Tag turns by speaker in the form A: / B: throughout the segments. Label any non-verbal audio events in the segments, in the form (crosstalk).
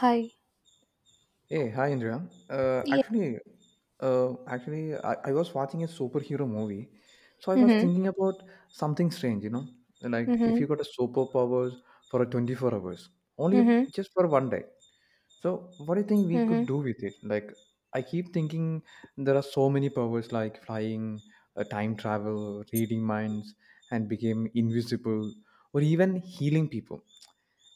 A: Hi.
B: Hey, hi Indra. Uh,
A: Yeah.
B: actually, uh, actually, I, I was watching a superhero movie, so I was
A: Mm-hmm.
B: thinking about something strange, you know, like if
A: Mm-hmm.
B: you got a superpowers for a 24 hours, only
A: Mm-hmm.
B: just for one day. So, what do you think we could
A: Mm-hmm.
B: do with it? Like, I keep thinking there are so many powers like flying, time travel, reading minds, and became invisible, or even healing people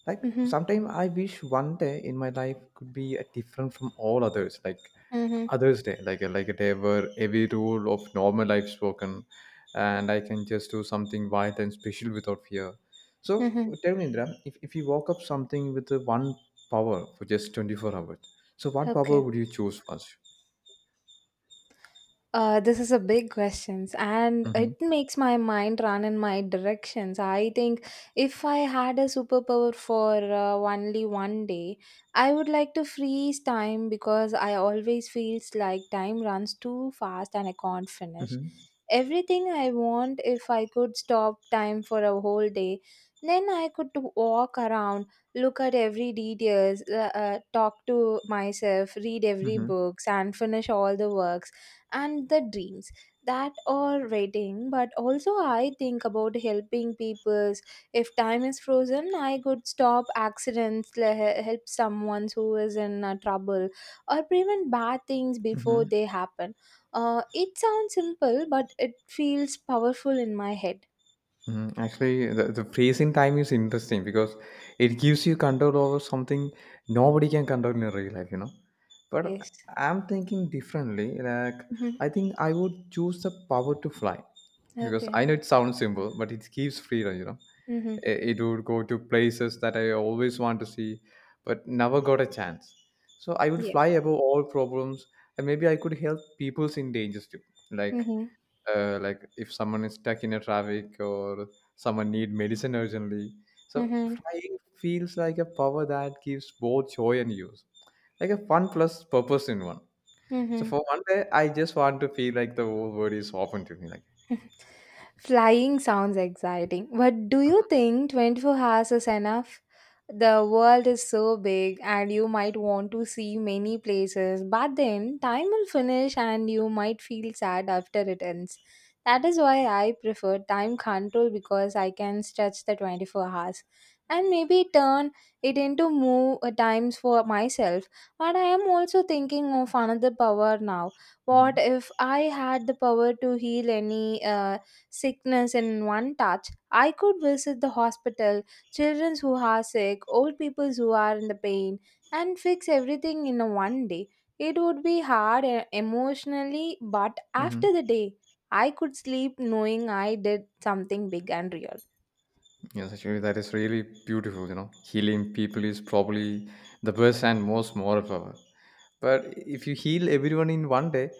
B: like
A: Mm-hmm.
B: sometimes I wish one day in my life could be different from all others like
A: Mm-hmm.
B: others day like like a day where every rule of normal life's broken and I can just do something wild and special without fear so
A: Mm-hmm.
B: tell me indra if you woke up something with one power for just 24 hours so what power
A: Okay.
B: would you choose first.
A: This is a big question, and
B: Mm-hmm.
A: it makes my mind run in my directions. I think if I had a superpower for only one day, I would like to freeze time because I always feels like time runs too fast and I can't finish.
B: Mm-hmm.
A: everything I want. If I could stop time for a whole day, then I could to walk around, look at every details, talk to myself, read every books, and finish all the works and the dreams that are waiting. But also, I think about helping people. If time is frozen, I could stop accidents, help someone who is in trouble, or prevent bad things before
B: Mm-hmm.
A: they happen. It sounds simple, but it feels powerful in my head.
B: Actually, the freezing time is interesting because it gives you control over something nobody can control in real life, you know. But
A: Yes.
B: I'm thinking differently. Like,
A: Mm-hmm.
B: I think I would choose the power to fly because
A: Okay.
B: I know it sounds simple, but it gives freedom, you know.
A: Mm-hmm.
B: It would go to places that I always want to see, but never got a chance. So I would
A: Yeah.
B: fly above all problems, and maybe I could help peoples in dangers too. Like,
A: Mm-hmm.
B: like if someone is stuck in a traffic or someone need medicine urgently so
A: Mm-hmm.
B: flying feels like a power that gives both joy and use like a fun plus purpose in one so
A: Mm-hmm.
B: for one day I just want to feel like the whole world is open to me like.
A: (laughs) Flying sounds exciting, but do you think 24 hours is enough? The world is so big, and you might want to see many places, but then time will finish and you might feel sad after it ends. That is why I prefer time control because I can stretch the 24 hours and maybe turn it into more times for myself. But I am also thinking of another power now. What
B: Mhm.
A: if I had the power to heal any sickness in one touch? I could visit the hospital, children who are sick, old people who are in the pain, and fix everything in a one day. It would be hard emotionally, but
B: Mhm.
A: after the day, I could sleep knowing I did something big and real.
B: Yes, actually, that is really beautiful. You know, healing people is probably the best and most moral power. But if you heal everyone in one day,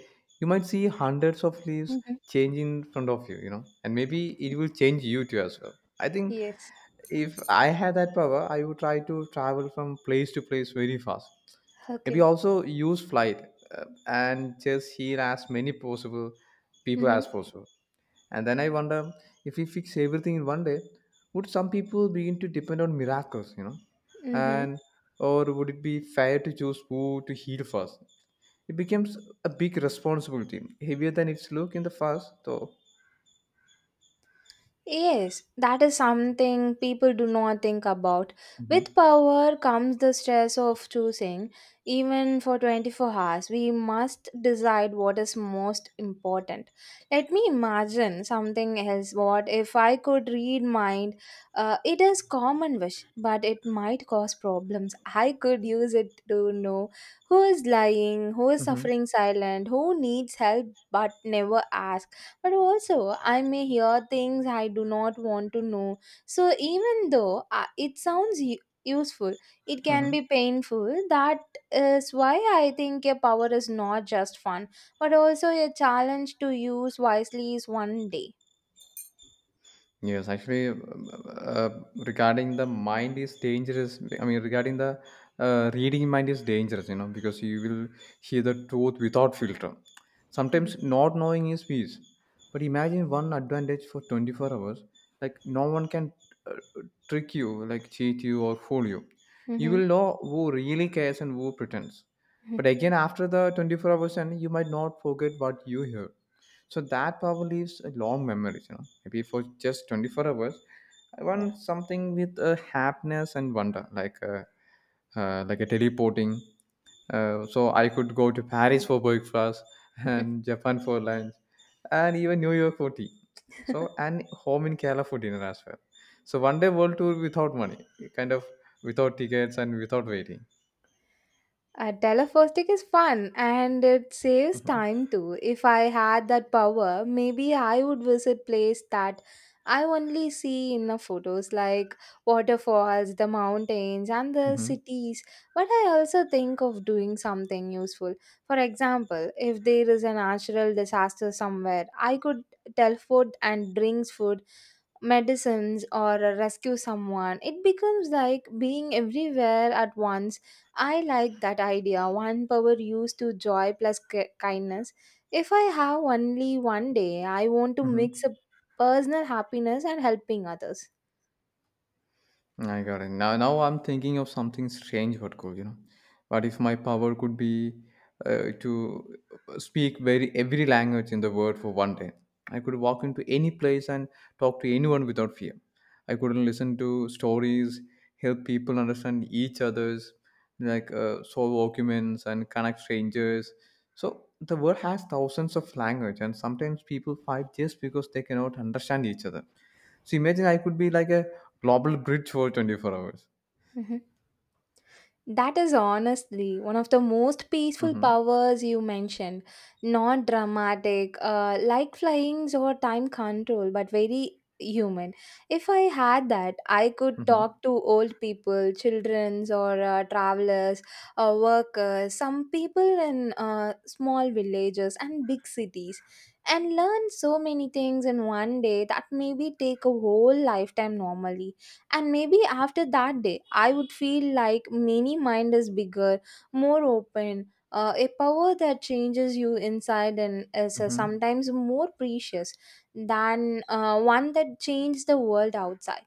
B: you might see hundreds of leaves
A: Hmm.
B: change in front of you, you know, and maybe it will change you too as well. I think
A: Yes.
B: if I had that power, I would try to travel from place to place very fast. Maybe
A: Okay.
B: also use flight and just heal as many possible people
A: Mm-hmm.
B: as possible. And then I wonder if we fix everything in one day, would some people begin to depend on miracles, you know?
A: Mm-hmm.
B: And or would it be fair to choose who to heal first? It becomes a big responsibility, heavier than its look in the first, though.
A: Yes, that is something people do not think about.
B: Hmm.
A: With power comes the stress of choosing. Even for 24 hours, we must decide what is most important. Let me imagine something else. What if I could read mind? It is common wish, but it might cause problems. I could use it to know who is lying, who is
B: Hmm.
A: suffering silent, who needs help but never asks. But also, I may hear things I do not want to know. So, even though it sounds useful, it can
B: Hmm.
A: be painful. That is why I think a power is not just fun, but also a challenge to use wisely is one day.
B: Yes, actually, uh, regarding the mind is dangerous. I mean, regarding the reading mind is dangerous, you know, because you will hear the truth without filter. Sometimes
A: (laughs)
B: not knowing is peace. But imagine one advantage for 24 hours. Like, no one can uh, trick you, like cheat you or fool you. You
A: Hmm.
B: will know who really cares and who pretends. But
A: Hmm.
B: again, after the 24 hours, and you might not forget what you heard so that power leaves a long memories, you know, maybe for just 24 hours. I want something with a happiness and wonder, like like a teleporting. So I could go to Paris for breakfast (laughs)
A: Yeah.
B: and Japan for lunch and even New York for tea. So
A: (laughs)
B: and home in Kerala for dinner as well. So one day world tour without money, kind of without tickets and without waiting.
A: Telefostic is fun and it saves
B: Hmm.
A: time too. If I had that power, maybe I would visit places that I only see in the photos like waterfalls, the mountains and the
B: Hmm.
A: cities. But I also think of doing something useful. For example, if there is a natural disaster somewhere, I could teleport and brings food medicines or rescue someone. It becomes like being everywhere at once. I like that idea. One power used to joy plus kindness. If I have only one day, I want to
B: Hmm.
A: mix a personal happiness and helping others.
B: I got it. Now I'm thinking of something strange but cool, you know. What if my power could be to speak very every language in the world for one day? I could walk into any place and talk to anyone without fear. I could listen to stories, help people understand each other's, like solve arguments and connect strangers. So the world has thousands of language, and sometimes people fight just because they cannot understand each other. So imagine I could be like a global bridge for 24 hours.
A: Mhm. That is honestly one of the most peaceful
B: Mm-hmm.
A: powers you mentioned. Not dramatic, like flyings or time control, but very human. If I had that, I could
B: Mm-hmm.
A: talk to old people, childrens, or travelers, workers, some people in small villages and big cities, and learn so many things in one day that maybe take a whole lifetime normally. And maybe after that day, I would feel like many mind is bigger, more open, a power that changes you inside and is
B: Mm-hmm.
A: sometimes more precious than one that changes the world outside.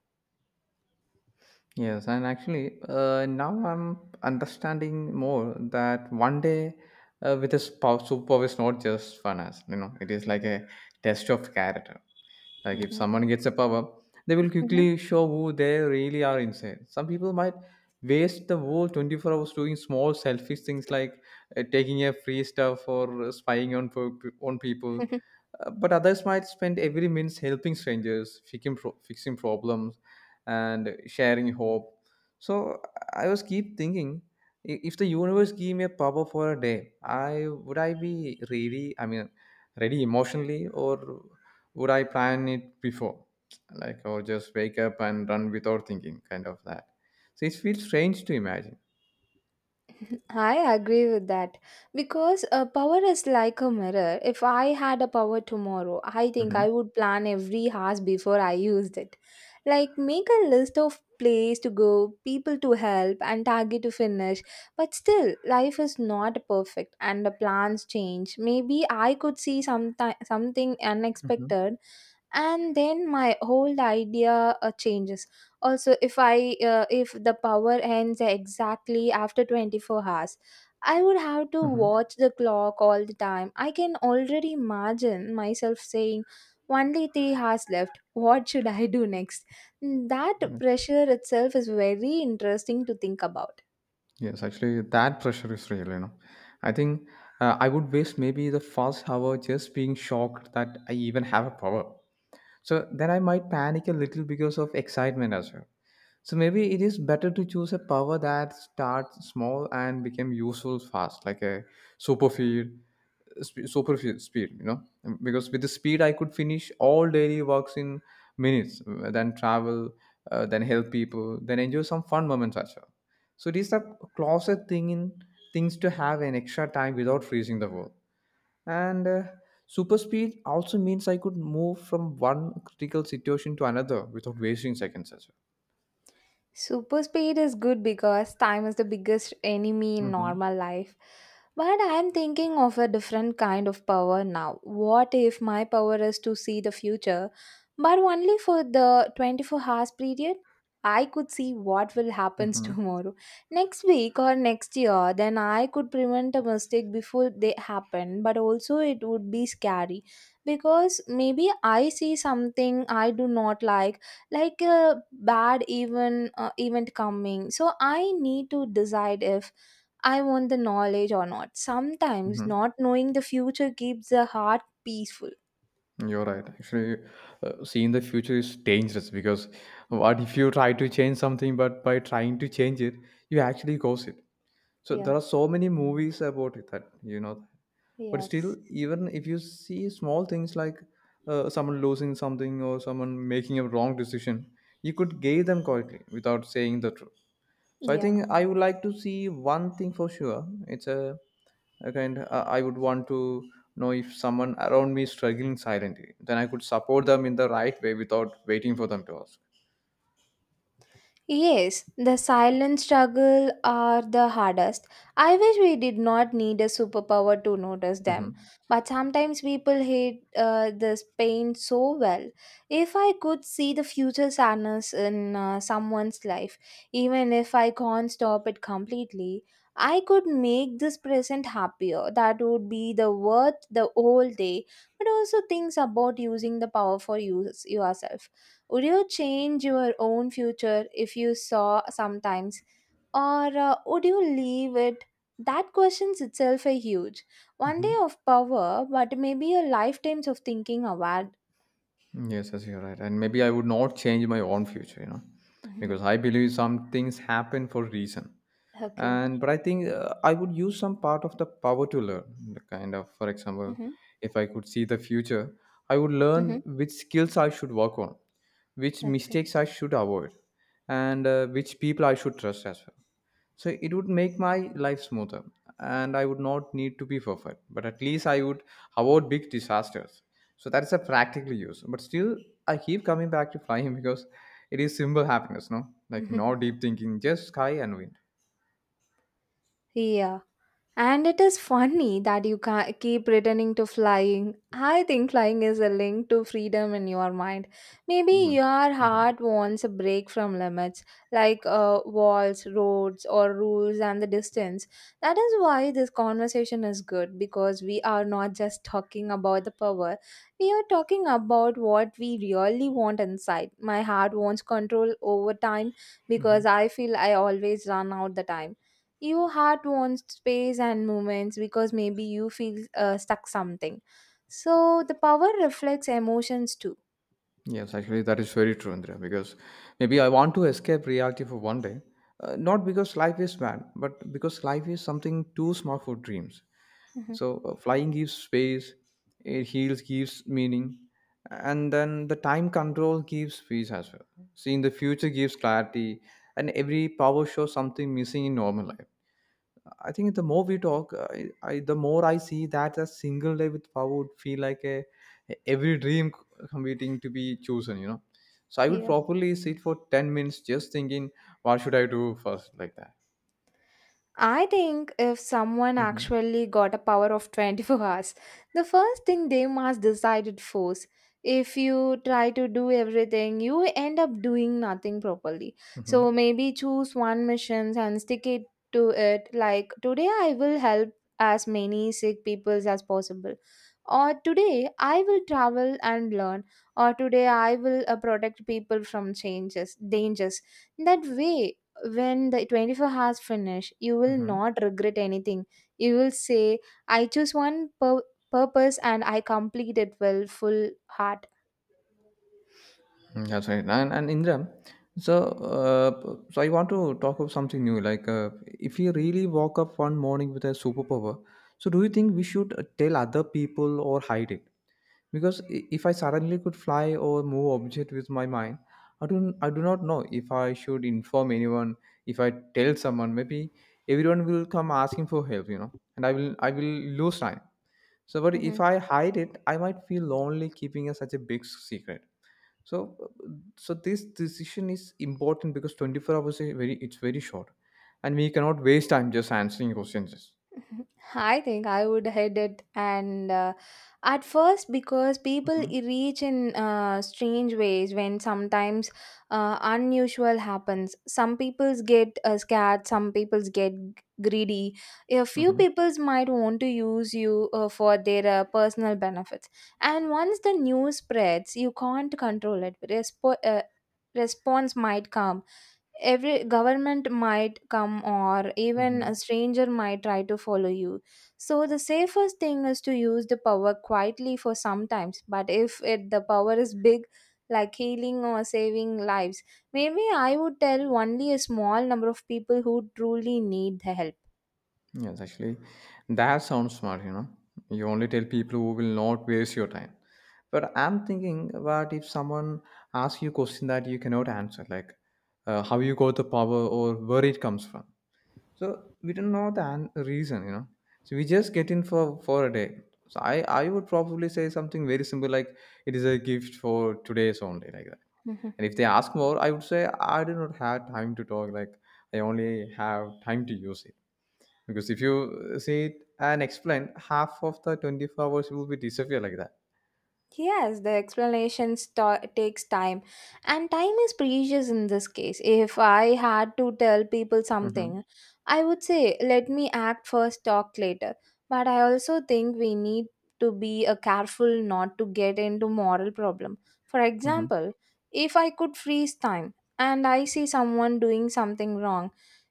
B: Yes, and actually, now I'm understanding more that one day with this power, superpower is not just fun, as you know, it is like a test of character. Like if
A: Mhm.
B: someone gets a power, they will
A: Mhm.
B: quickly show who they really are inside. Some people might waste the whole 24 hours doing small selfish things like taking a free stuff or spying on on people. But others might spend every minute helping strangers, fixing fixing problems, and sharing hope. So I was keep thinking, if the universe gave me a power for a day, I would I be ready? I mean, ready emotionally or would I plan it before? Like, or just wake up and run without thinking, kind of that. So it feels strange to imagine.
A: I agree with that because power is like a mirror. If I had a power tomorrow, I think
B: Hmm.
A: I would plan every house before I used it. Like make a list of place to go, people to help, and target to finish. But still, life is not perfect and the plans change. Maybe I could see something
B: Hmm.
A: unexpected, and then my whole idea changes. Also, if the power ends exactly after 24 hours, I would have to
B: Hmm.
A: watch the clock all the time. I can already imagine myself saying, only 3 hours left, what should I do next? Mm, that
B: Yes.
A: pressure itself is very interesting to think about.
B: Yes, actually, that pressure is real, you know. I think I would waste maybe the first hour just being shocked that I even have a power. So then I might panic a little because of excitement as well. So maybe it is better to choose a power that starts small and become useful fast, like a super feed, sp- super fe- speed. Because with the speed I could finish all daily works in minutes, then travel, then help people, then enjoy some fun moments as well. So it is a closet thing in things to have an extra time without freezing the world. And super speed also means I could move from one critical situation to another without wasting seconds as
A: Super speed is good because time is the biggest enemy in
B: well.
A: normal life. But I'm thinking of a different kind of power now. What if my power is to see the future, but only for the 24 hours period? I could see what will happen (laughs)
B: Mhm.
A: tomorrow, next week, or next year. Then I could prevent a mistake before they happen, but also it would be scary because maybe I see something I do not like a bad event coming. So I need to decide if I want the knowledge or not. Sometimes
B: Mhm.
A: not knowing the future keeps the heart peaceful.
B: You're right. Actually, seeing the future is dangerous because what
A: (laughs)
B: if you try to change something, but by trying to change it, you actually cause it. So there
A: Yeah.
B: are so many movies about it that you know. But still,
A: Yes.
B: even if you see small things like someone losing something or someone making a wrong decision, you could gain them quietly without saying the truth. So I
A: Yeah.
B: think I would like to see one thing for sure. It's a kind. I would want to know if someone around me is struggling silently. Then I could support them in the right way without waiting for them to ask.
A: Yes, the silent struggle are the hardest. I wish we did not need a superpower to notice them.
B: Hmm.
A: But sometimes people hate this pain so well. If I could see the future sadness in someone's life, even if I can't stop it completely, I could make this present happier. That would be the worth the whole day. But also things about using the power for use yourself. Would you change your own future if you saw sometimes, or would you leave it? That questions itself a huge one day
B: Hmm.
A: of power, but maybe a lifetimes of thinking award.
B: Yes, you're right. And maybe I would not change my own future, you know, because I
A: (laughs)
B: believe some things happen for a reason.
A: Okay.
B: And but I think I would use some part of the power to learn the kind of for example
A: Mm-hmm.
B: if I could see the future I would learn
A: Mm-hmm.
B: which skills I should work on which
A: Okay.
B: mistakes I should avoid and which people I should trust as well so it would make my life smoother and I would not need to be perfect but at least I would avoid big disasters so that is a practical use but still I keep coming back to flying (laughs) because it is simple happiness no like
A: Mhm.
B: no deep thinking just sky and wind.
A: Yeah. And it is funny that you keep returning to flying. I think flying is a link to freedom in your mind. Maybe
B: Mhm.
A: your
B: Mhm.
A: heart wants a break from limits, like walls, roads, or rules and the distance. That is why this conversation is good because we are not just talking about the power, we are talking about what we really want inside. My heart wants control over time because I feel I always run out the time. Your heart wants space and movements because maybe you feel stuck something. So the power reflects emotions too.
B: Yes, actually, that is very true, Indra, because maybe I want to escape reality for one day, not because life is bad, but because life is something too small for dreams.
A: Mhm.
B: So, flying gives space, it heals, gives meaning, and then the time control gives peace as well. Seeing the future gives clarity, and every power shows something missing in normal life. I think the more we talk, I the more I see that a single day with power would feel like a every dream competing to be chosen. You know, so I would
A: Yeah.
B: properly sit for 10 minutes just thinking, what should I do first, like that.
A: I think if someone
B: Hmm.
A: actually got a power of 24 hours, the first thing they must decide it first. If you try to do everything, you end up doing nothing properly. So
B: Hmm.
A: maybe choose one mission and stick it to it. Like today, I will help as many sick people as possible. Or today, I will travel and learn. Or today, I will protect people from changes, dangers. That way, when the 24 hours finish, you will
B: Hmm.
A: not regret anything. You will say, I choose one purpose and I complete it with full heart.
B: That's right. And Indra, so I want to talk about something new. Like, if you really woke up one morning with a superpower, so do you think we should tell other people or hide it? Because if I suddenly could fly or move object with my mind I do not know if I should inform anyone if I tell someone maybe everyone will come asking for help you know and I will lose time so but if I hide it I might feel lonely keeping such a big secret so uh, so this decision is important because 24 hours is very it's very short and we cannot waste time just answering questions.
A: I think I would head it, and at first because people
B: Mhm.
A: reach in strange ways when sometimes unusual happens. Some people's get scared, some people's get greedy. A few
B: Mhm.
A: people's might want to use you for their personal benefits, and once the news spreads, you can't control it. Response might come. Every government might come, or even a
B: Mhm.
A: stranger might try to follow you. So the safest thing is to use the power quietly for sometimes. But if it, the power is big, like healing or saving lives, maybe I would tell only a small number of people who truly need the
B: Yes, actually, that sounds smart, you know. You only tell people who will not waste your time. But I'm thinking, what if someone asks you a question that you cannot answer, like how you got the power or where it comes from? So we don't know the reason, you know. So we just get in for a day. So I would probably say something very simple like it is a gift for today's only, like that.
A: help.
B: And if they ask more, I would say I do not have time to talk, like I only have time to use it because if you say it and explain, half of the 24 hours will be disappear like that.
A: Yes, the explanation sta takes time, and time is precious in this case. If I had to tell people
B: Mm-hmm.
A: something, I would say, let me act first, talk later. But I also think we need to be careful not to get into moral problem. For
B: Mm-hmm.
A: example, if I could freeze time and I see someone doing something wrong,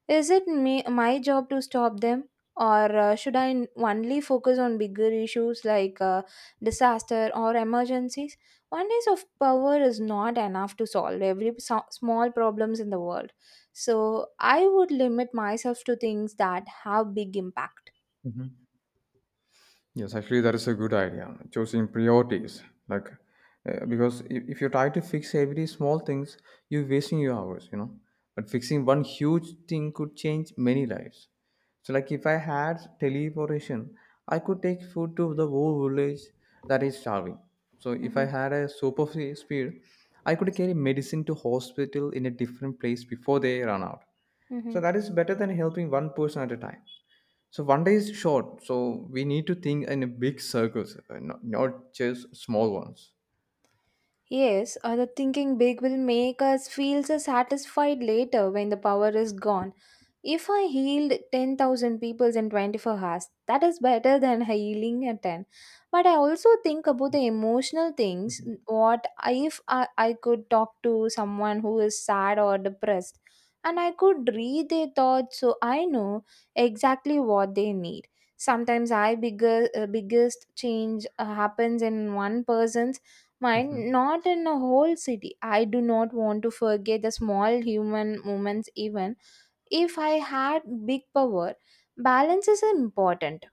A: is it me, my job to stop them? Or should I only focus on bigger issues like disaster, or emergencies, one day of power is not enough to solve every small problems in the world. So I would limit myself to things that have big impact.
B: Mm-hmm. Yes, actually, that is a good idea. Choosing priorities, like, because if you try to fix every small things, you're wasting your hours. But fixing one huge thing could change many lives. So, like, if I had teleportation, I could take food to the whole village that is starving. So, if I
A: Mm-hmm.
B: had a super speed, I could carry medicine to hospital in a different place before they run out. So that is better than helping one person at a time. So one day is short, so we need to think in a big circles, not just small ones.
A: Yes, or the thinking big will make us feel so satisfied later when the power is gone. If I healed 10,000 people in 24 hours, that is better than (laughs) healing at 10. But I also think about the emotional things. What if I could talk to someone who is sad or depressed and I could read their thoughts so I know exactly what they need. Sometimes biggest change happens in one person's mind
B: Mhm.
A: not in a whole city. I do not want to forget the small human moments, even if I had big power. Balance is important.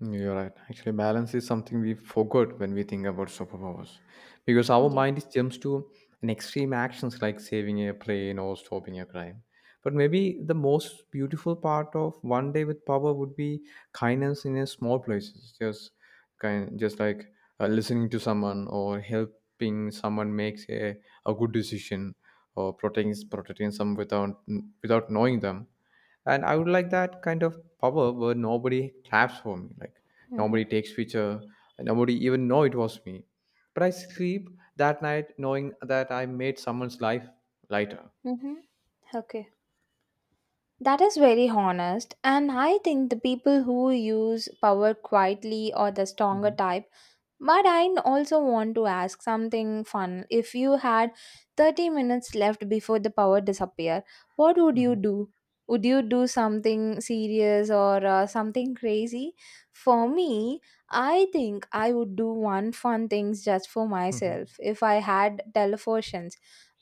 B: You're right. Actually, balance is something we forgot when we think about superpowers because our
A: Yeah.
B: mind jumps to an extreme actions like saving a plane or stopping a crime. But maybe the most beautiful part of one day with power would be kindness in a small places, just kind, just like listening to someone or helping someone makes a good decision or protecting some without knowing them. And I would like that kind of power where nobody claps for me, like nobody
A: Mm-hmm.
B: takes picture and nobody even know it was me, but I sleep that night knowing that I made someone's life lighter.
A: Mm-hmm. Okay. That is very honest, and I think the people who use power quietly or the stronger
B: Mhm,
A: type. But I also want to ask something fun. If you had 30 minutes left before the power disappear, what would you
B: mhm,
A: do? Would you do something serious or something crazy? For me, I think I would do one fun things just for
B: mhm.
A: myself. If I had teleportations,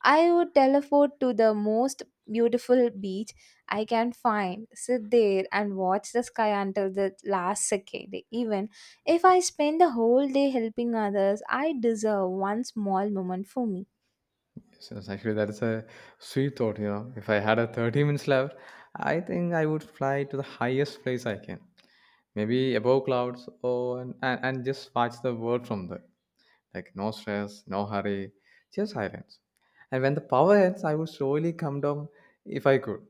A: I would teleport to the most beautiful beach I can find, sit there and watch the sky until the last second. Even if I spend the whole day helping others, I deserve one small moment for me.
B: So it's actually, that is a sweet thought. You know, if I had a 30 minutes left, I think I would fly to the highest place I can, maybe above clouds, and just watch the world from there. Like no stress, no hurry, just silence. And when the power ends, I would slowly come down if I could.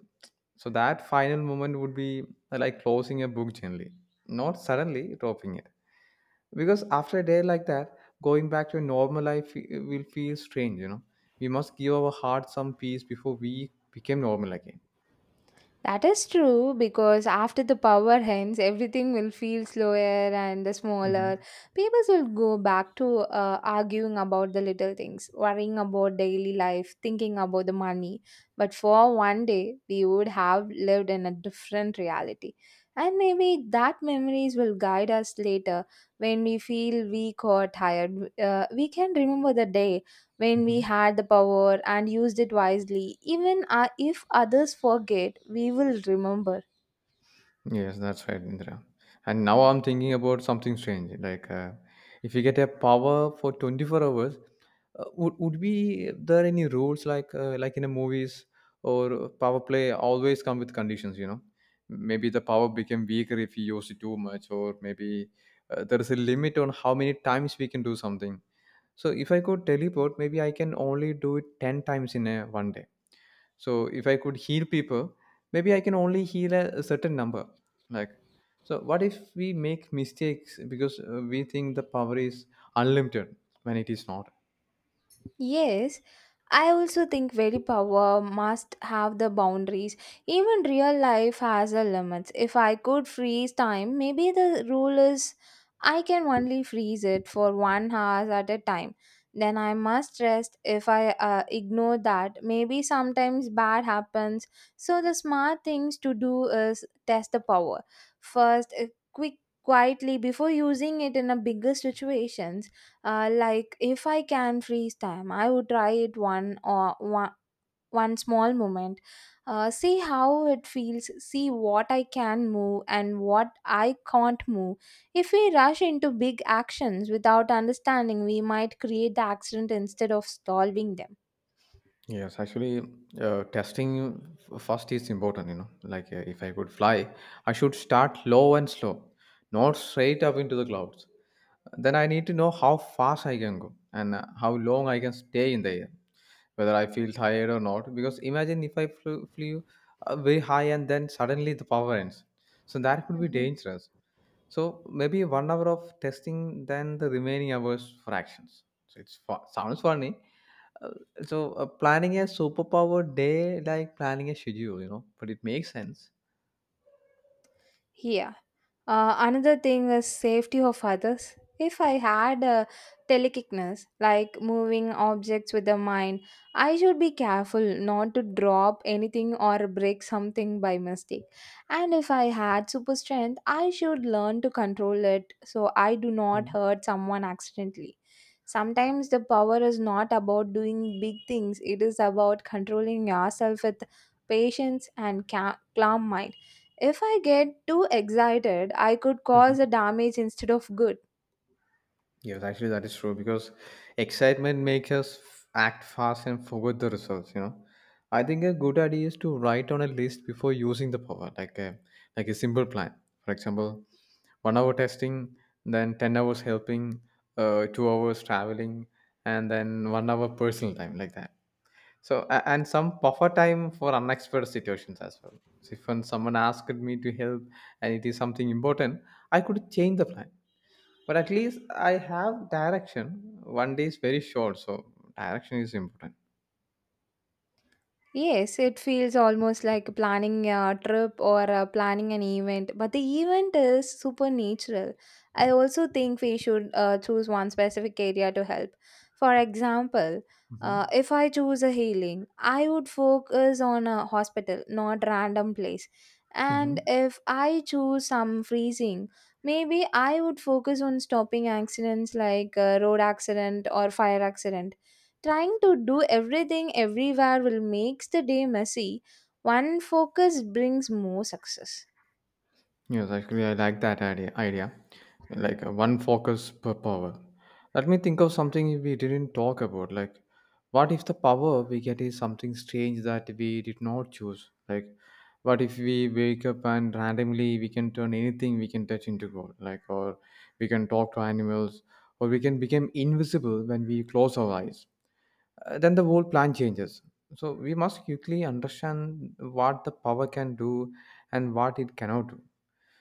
B: So that final moment would be like closing a book gently, not suddenly dropping it. Because after a day like that, going back to a normal life will feel strange. We must give our heart some peace before we became normal again.
A: That is true because after the power ends, everything will feel slower and
B: Hmm.
A: smaller. People will go back to arguing about the little things, worrying about daily life, thinking about the money. But for one day, we would have lived in a different reality. And maybe that memories will guide us later when we feel weak or tired. We can remember the day when
B: Hmm.
A: we had the power and used it wisely. Even if others forget, we will remember.
B: Yes, that's right, Indra. And now I'm thinking about something strange. Like, if you get a power for 24 hours. Would be there any rules like in the movies, or power play always come with conditions? Maybe the power became weaker if you use it too much, or maybe there is a limit on how many times we can do something. So if I could teleport, maybe I can only do it ten times in a one day. So if I could heal people, maybe I can only heal a certain number. Like, so what if we make mistakes because we think the power is unlimited when it is not?
A: Yes, I also think very power must have the boundaries. Even real life has a limits. If I could freeze time, maybe the rule is I can only freeze it for 1 hour at a time. Then I must rest. If I ignore that, maybe sometimes bad happens. So the smart things to do is test the power first, quick, quietly before using it in a bigger situations like if I can freeze time, I would try it one small moment. See how it feels. See what I can move and what I can't move. If we rush into big actions without understanding, we might create the accident instead of solving them.
B: Yes, actually, testing first is important. Like, if I could fly, I should start low and slow, not straight up into the clouds. Then I need to know how fast I can go and how long I can stay in the air, whether I feel tired or not. Because imagine if I flew very high and then suddenly the power ends. So that could be
A: Mhm.
B: dangerous. So maybe one hour of testing, then the remaining hours for actions. So it's sounds funny, uh, so planning a superpower day like planning a schedule, but it makes sense.
A: Yeah. Another thing is safety of others. If I had a telekickness, like moving objects with the mind, I should be careful not to drop anything or break something by mistake. And if I had super strength, I should learn to control it so I do not
B: Mm.
A: hurt someone accidentally. Sometimes the power is not about doing big things, it is about controlling yourself with patience and calm mind. If I get too excited, I could cause
B: Mhm.
A: a damage instead of good.
B: Yes, actually, that is true because excitement makes us act fast and forget the results. I think a good idea is to write on a list before using the power, like a simple plan. For example, one hour testing, then 10 hours helping, 2 hours traveling, and then one hour personal time, like that. So and some buffer time for unexpected situations as well. So if when someone asked me to help and it is something important, I could change the plan. But at least I have direction. One day is very short, so direction is important.
A: Yes, it feels almost like planning a trip or planning an event, but the event is super natural. I also think we should choose one specific area to help. For example,
B: Mm-hmm.
A: if I choose a healing, I would focus on a hospital, not random place. And if I choose some freezing, maybe I would focus on stopping accidents like road accident or fire accident. Trying to do everything everywhere will makes the day messy. One focus brings more success.
B: Yes, actually, I like that idea, like one focus per power. Let me think of something we didn't talk about. Like, what if the power we get is something strange that we did not choose? Like, what if we wake up and randomly we can turn anything we can touch into gold? Like, or we can talk to animals, or we can become invisible when we close our eyes. Then the whole plan changes. So we must quickly understand what the power can do and what it cannot do,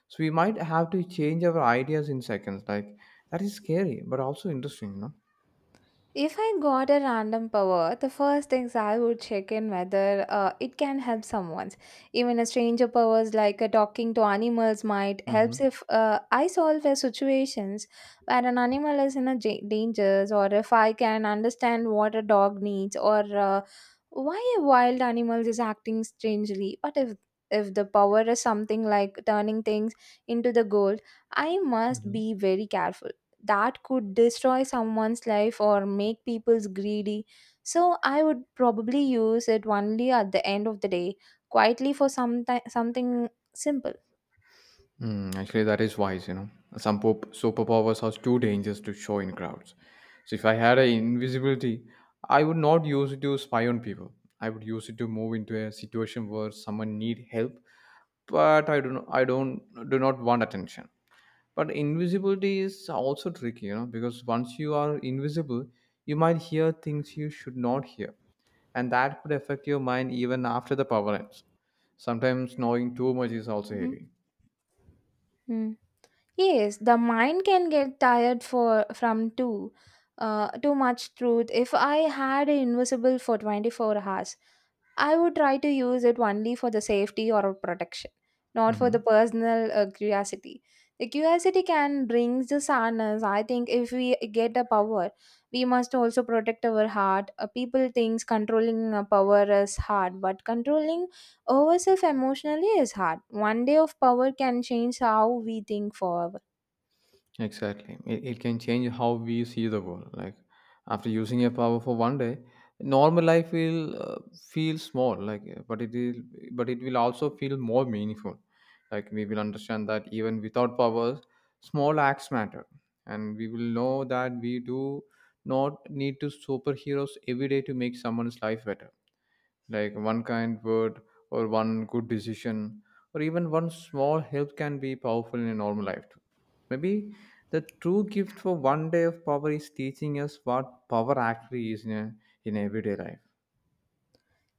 B: so we might have to change our ideas in seconds. Like that is scary, but also interesting.
A: If I got a random power, the first things I would check in whether it can help someone. Even a stranger powers like talking to animals might
B: Mm-hmm.
A: helps if I solve a situations where an animal is in a dangers or if I can understand what a dog needs or why a wild animal is acting strangely. But if the power is something like turning things into the gold, I must
B: Mm-hmm.
A: be very careful. That could destroy someone's life or make people's greedy, so I would probably use it only at the end of the day quietly for something simple.
B: Mm, actually, that is wise. Some superpowers are too dangerous to show in crowds. So if I had a invisibility, I would not use it to spy on people. I would use it to move into a situation where someone need help, but I do not, I don't do not want attention. But invisibility is also tricky, because once you are invisible, you might hear things you should not hear, and that could affect your mind even after the power ends. Sometimes knowing too much is also heavy.
A: Hmm. Yes, the mind can get tired for from too much truth. If I had it invisible for 24 hours, I would try to use it only for the safety or protection, not for the
B: Hmm.
A: personal curiosity. The curiosity can bring the sadness. I think if we get the power, we must also protect our heart. People thinks controlling power is hard, but controlling ourselves emotionally is hard. One day of power can change how we think forever.
B: Exactly. It can change how we see the world. Like after using a power for one day, normal life will feel small. Like, but it will also feel more meaningful. Like we will understand that even without powers, small acts matter, and we will know that we do not need to superheroes every day to make someone's life better, like one kind word or one good decision or even one small help can be powerful in a normal life too. Maybe the true gift for one day of power is teaching us what power actually is in everyday life.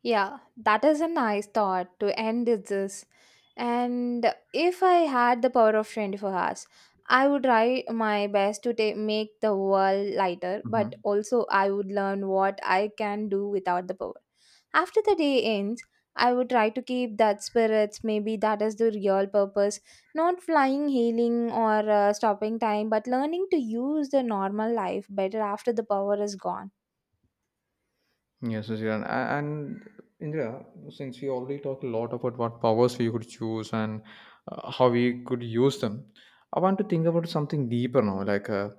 A: Yeah, that is a nice thought to end with this. And if I had the power of 24 hours, I would try my best to make the world lighter, but
B: Mhm.
A: also I would learn what I can do without the power. After the day ends, I would try to keep that spirits. Maybe that is the real purpose. Not flying, healing, or stopping time, but learning to use the normal life better after the power is gone.
B: Yes, yes, yeah. And Indra, since we already talked a lot about what powers we could choose and how we could use them, I want to think about something deeper now. Like,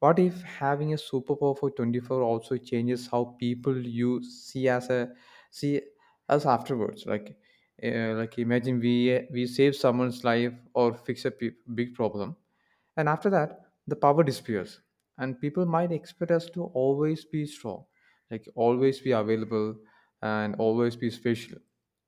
B: what if having a superpower for 24 also changes how people you see as a see us afterwards? Like imagine we save someone's life or fix a big problem, and after that, the power disappears, and people might expect us to always be strong, like always be available and always be special.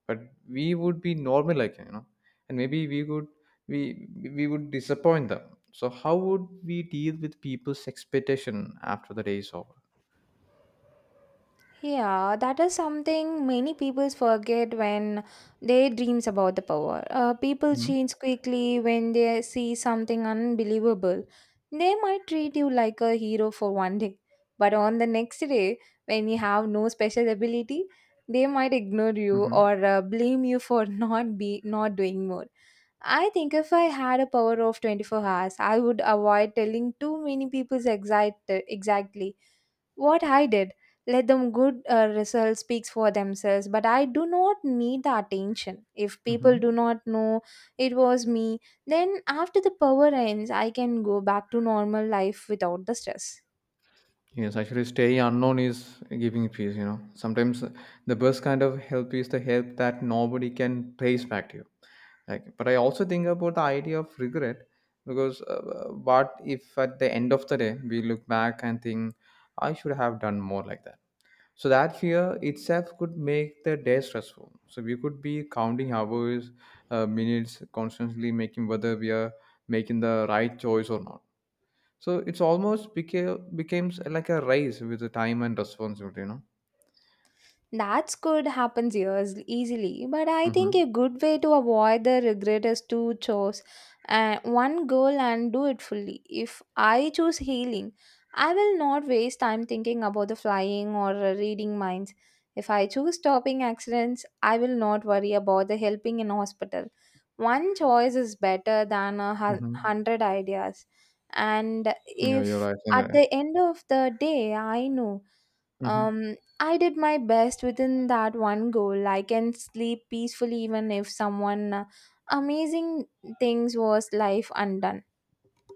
B: But we would be normal, like and maybe we we would disappoint them. So how would we deal with people's expectation after the day is over?
A: Yeah, that is something many people forget when they dreams about the power. People
B: Mm-hmm.
A: change quickly when they see something unbelievable. They might treat you like a hero for one day, but on the next day, when you have no special ability, they might ignore you or blame you for (laughs) not doing more. I think if I had a power of 24 hours, I would avoid telling too many people exactly what I did. Let them good results speaks for themselves, but I do not need the attention. If
B: Mm-hmm.
A: people do not know it was me, then after the power ends, I can go back to normal life without the stress.
B: Yes, actually, staying unknown is giving peace, you know. Sometimes the best kind of help is the help that nobody can trace back to you. Like, but I also think about the idea of regret because what if at the end of the day we look back and think, I should have done more like that? So that fear itself could make the day stressful. So we could be counting hours, minutes, constantly making whether we are making the right choice or not, so it's almost became becomes like a race with the time and responsibility.
A: That could happen years easily, but I think
B: Mm-hmm.
A: a good way to avoid the regret is to choose one goal and do it fully. If I choose healing, I will not waste time thinking about the flying or reading minds. If I choose stopping accidents, I will not worry about the helping in hospital. One choice is better than a
B: Mm-hmm.
A: hundred ideas. And
B: Yeah, you're
A: if
B: right in
A: at
B: that.
A: the end of the day, I know.
B: Mm-hmm.
A: Um, I did my best within that one goal. I can sleep peacefully even if someone amazing things was life undone.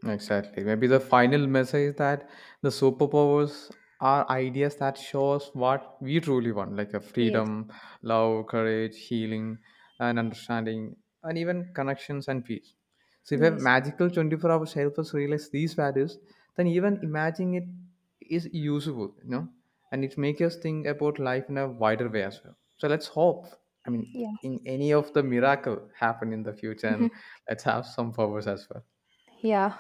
B: Exactly. Maybe the final message is that the superpowers are ideas that shows what we truly want, like a
A: Yes,
B: freedom, love, courage, healing, and understanding, and even connections and peace. So if a
A: yes,
B: magical 24 hours helps us realize these values, then even imagining it is useful, and it makes us think about life in a wider way as well. So let's hope. I mean,
A: yeah.
B: in any of the miracle happen in the
A: (laughs)
B: future, and
A: Mhm.
B: let's have some powers as well.
A: Yeah.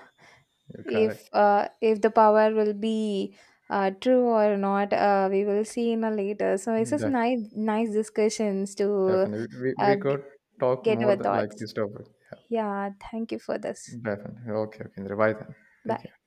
B: You're correct.
A: If the power will be true or not, we will see in a later. So it's just
B: Def-
A: nice, nice discussions to
B: definitely. We,
A: uh,
B: we
A: g-
B: could talk
A: get
B: more
A: our
B: than like
A: thoughts.
B: this topic. Yeah,
A: Yeah, thank you for this.
B: definitely. Okay, okay. Bye then. Take
A: Bye.
B: care.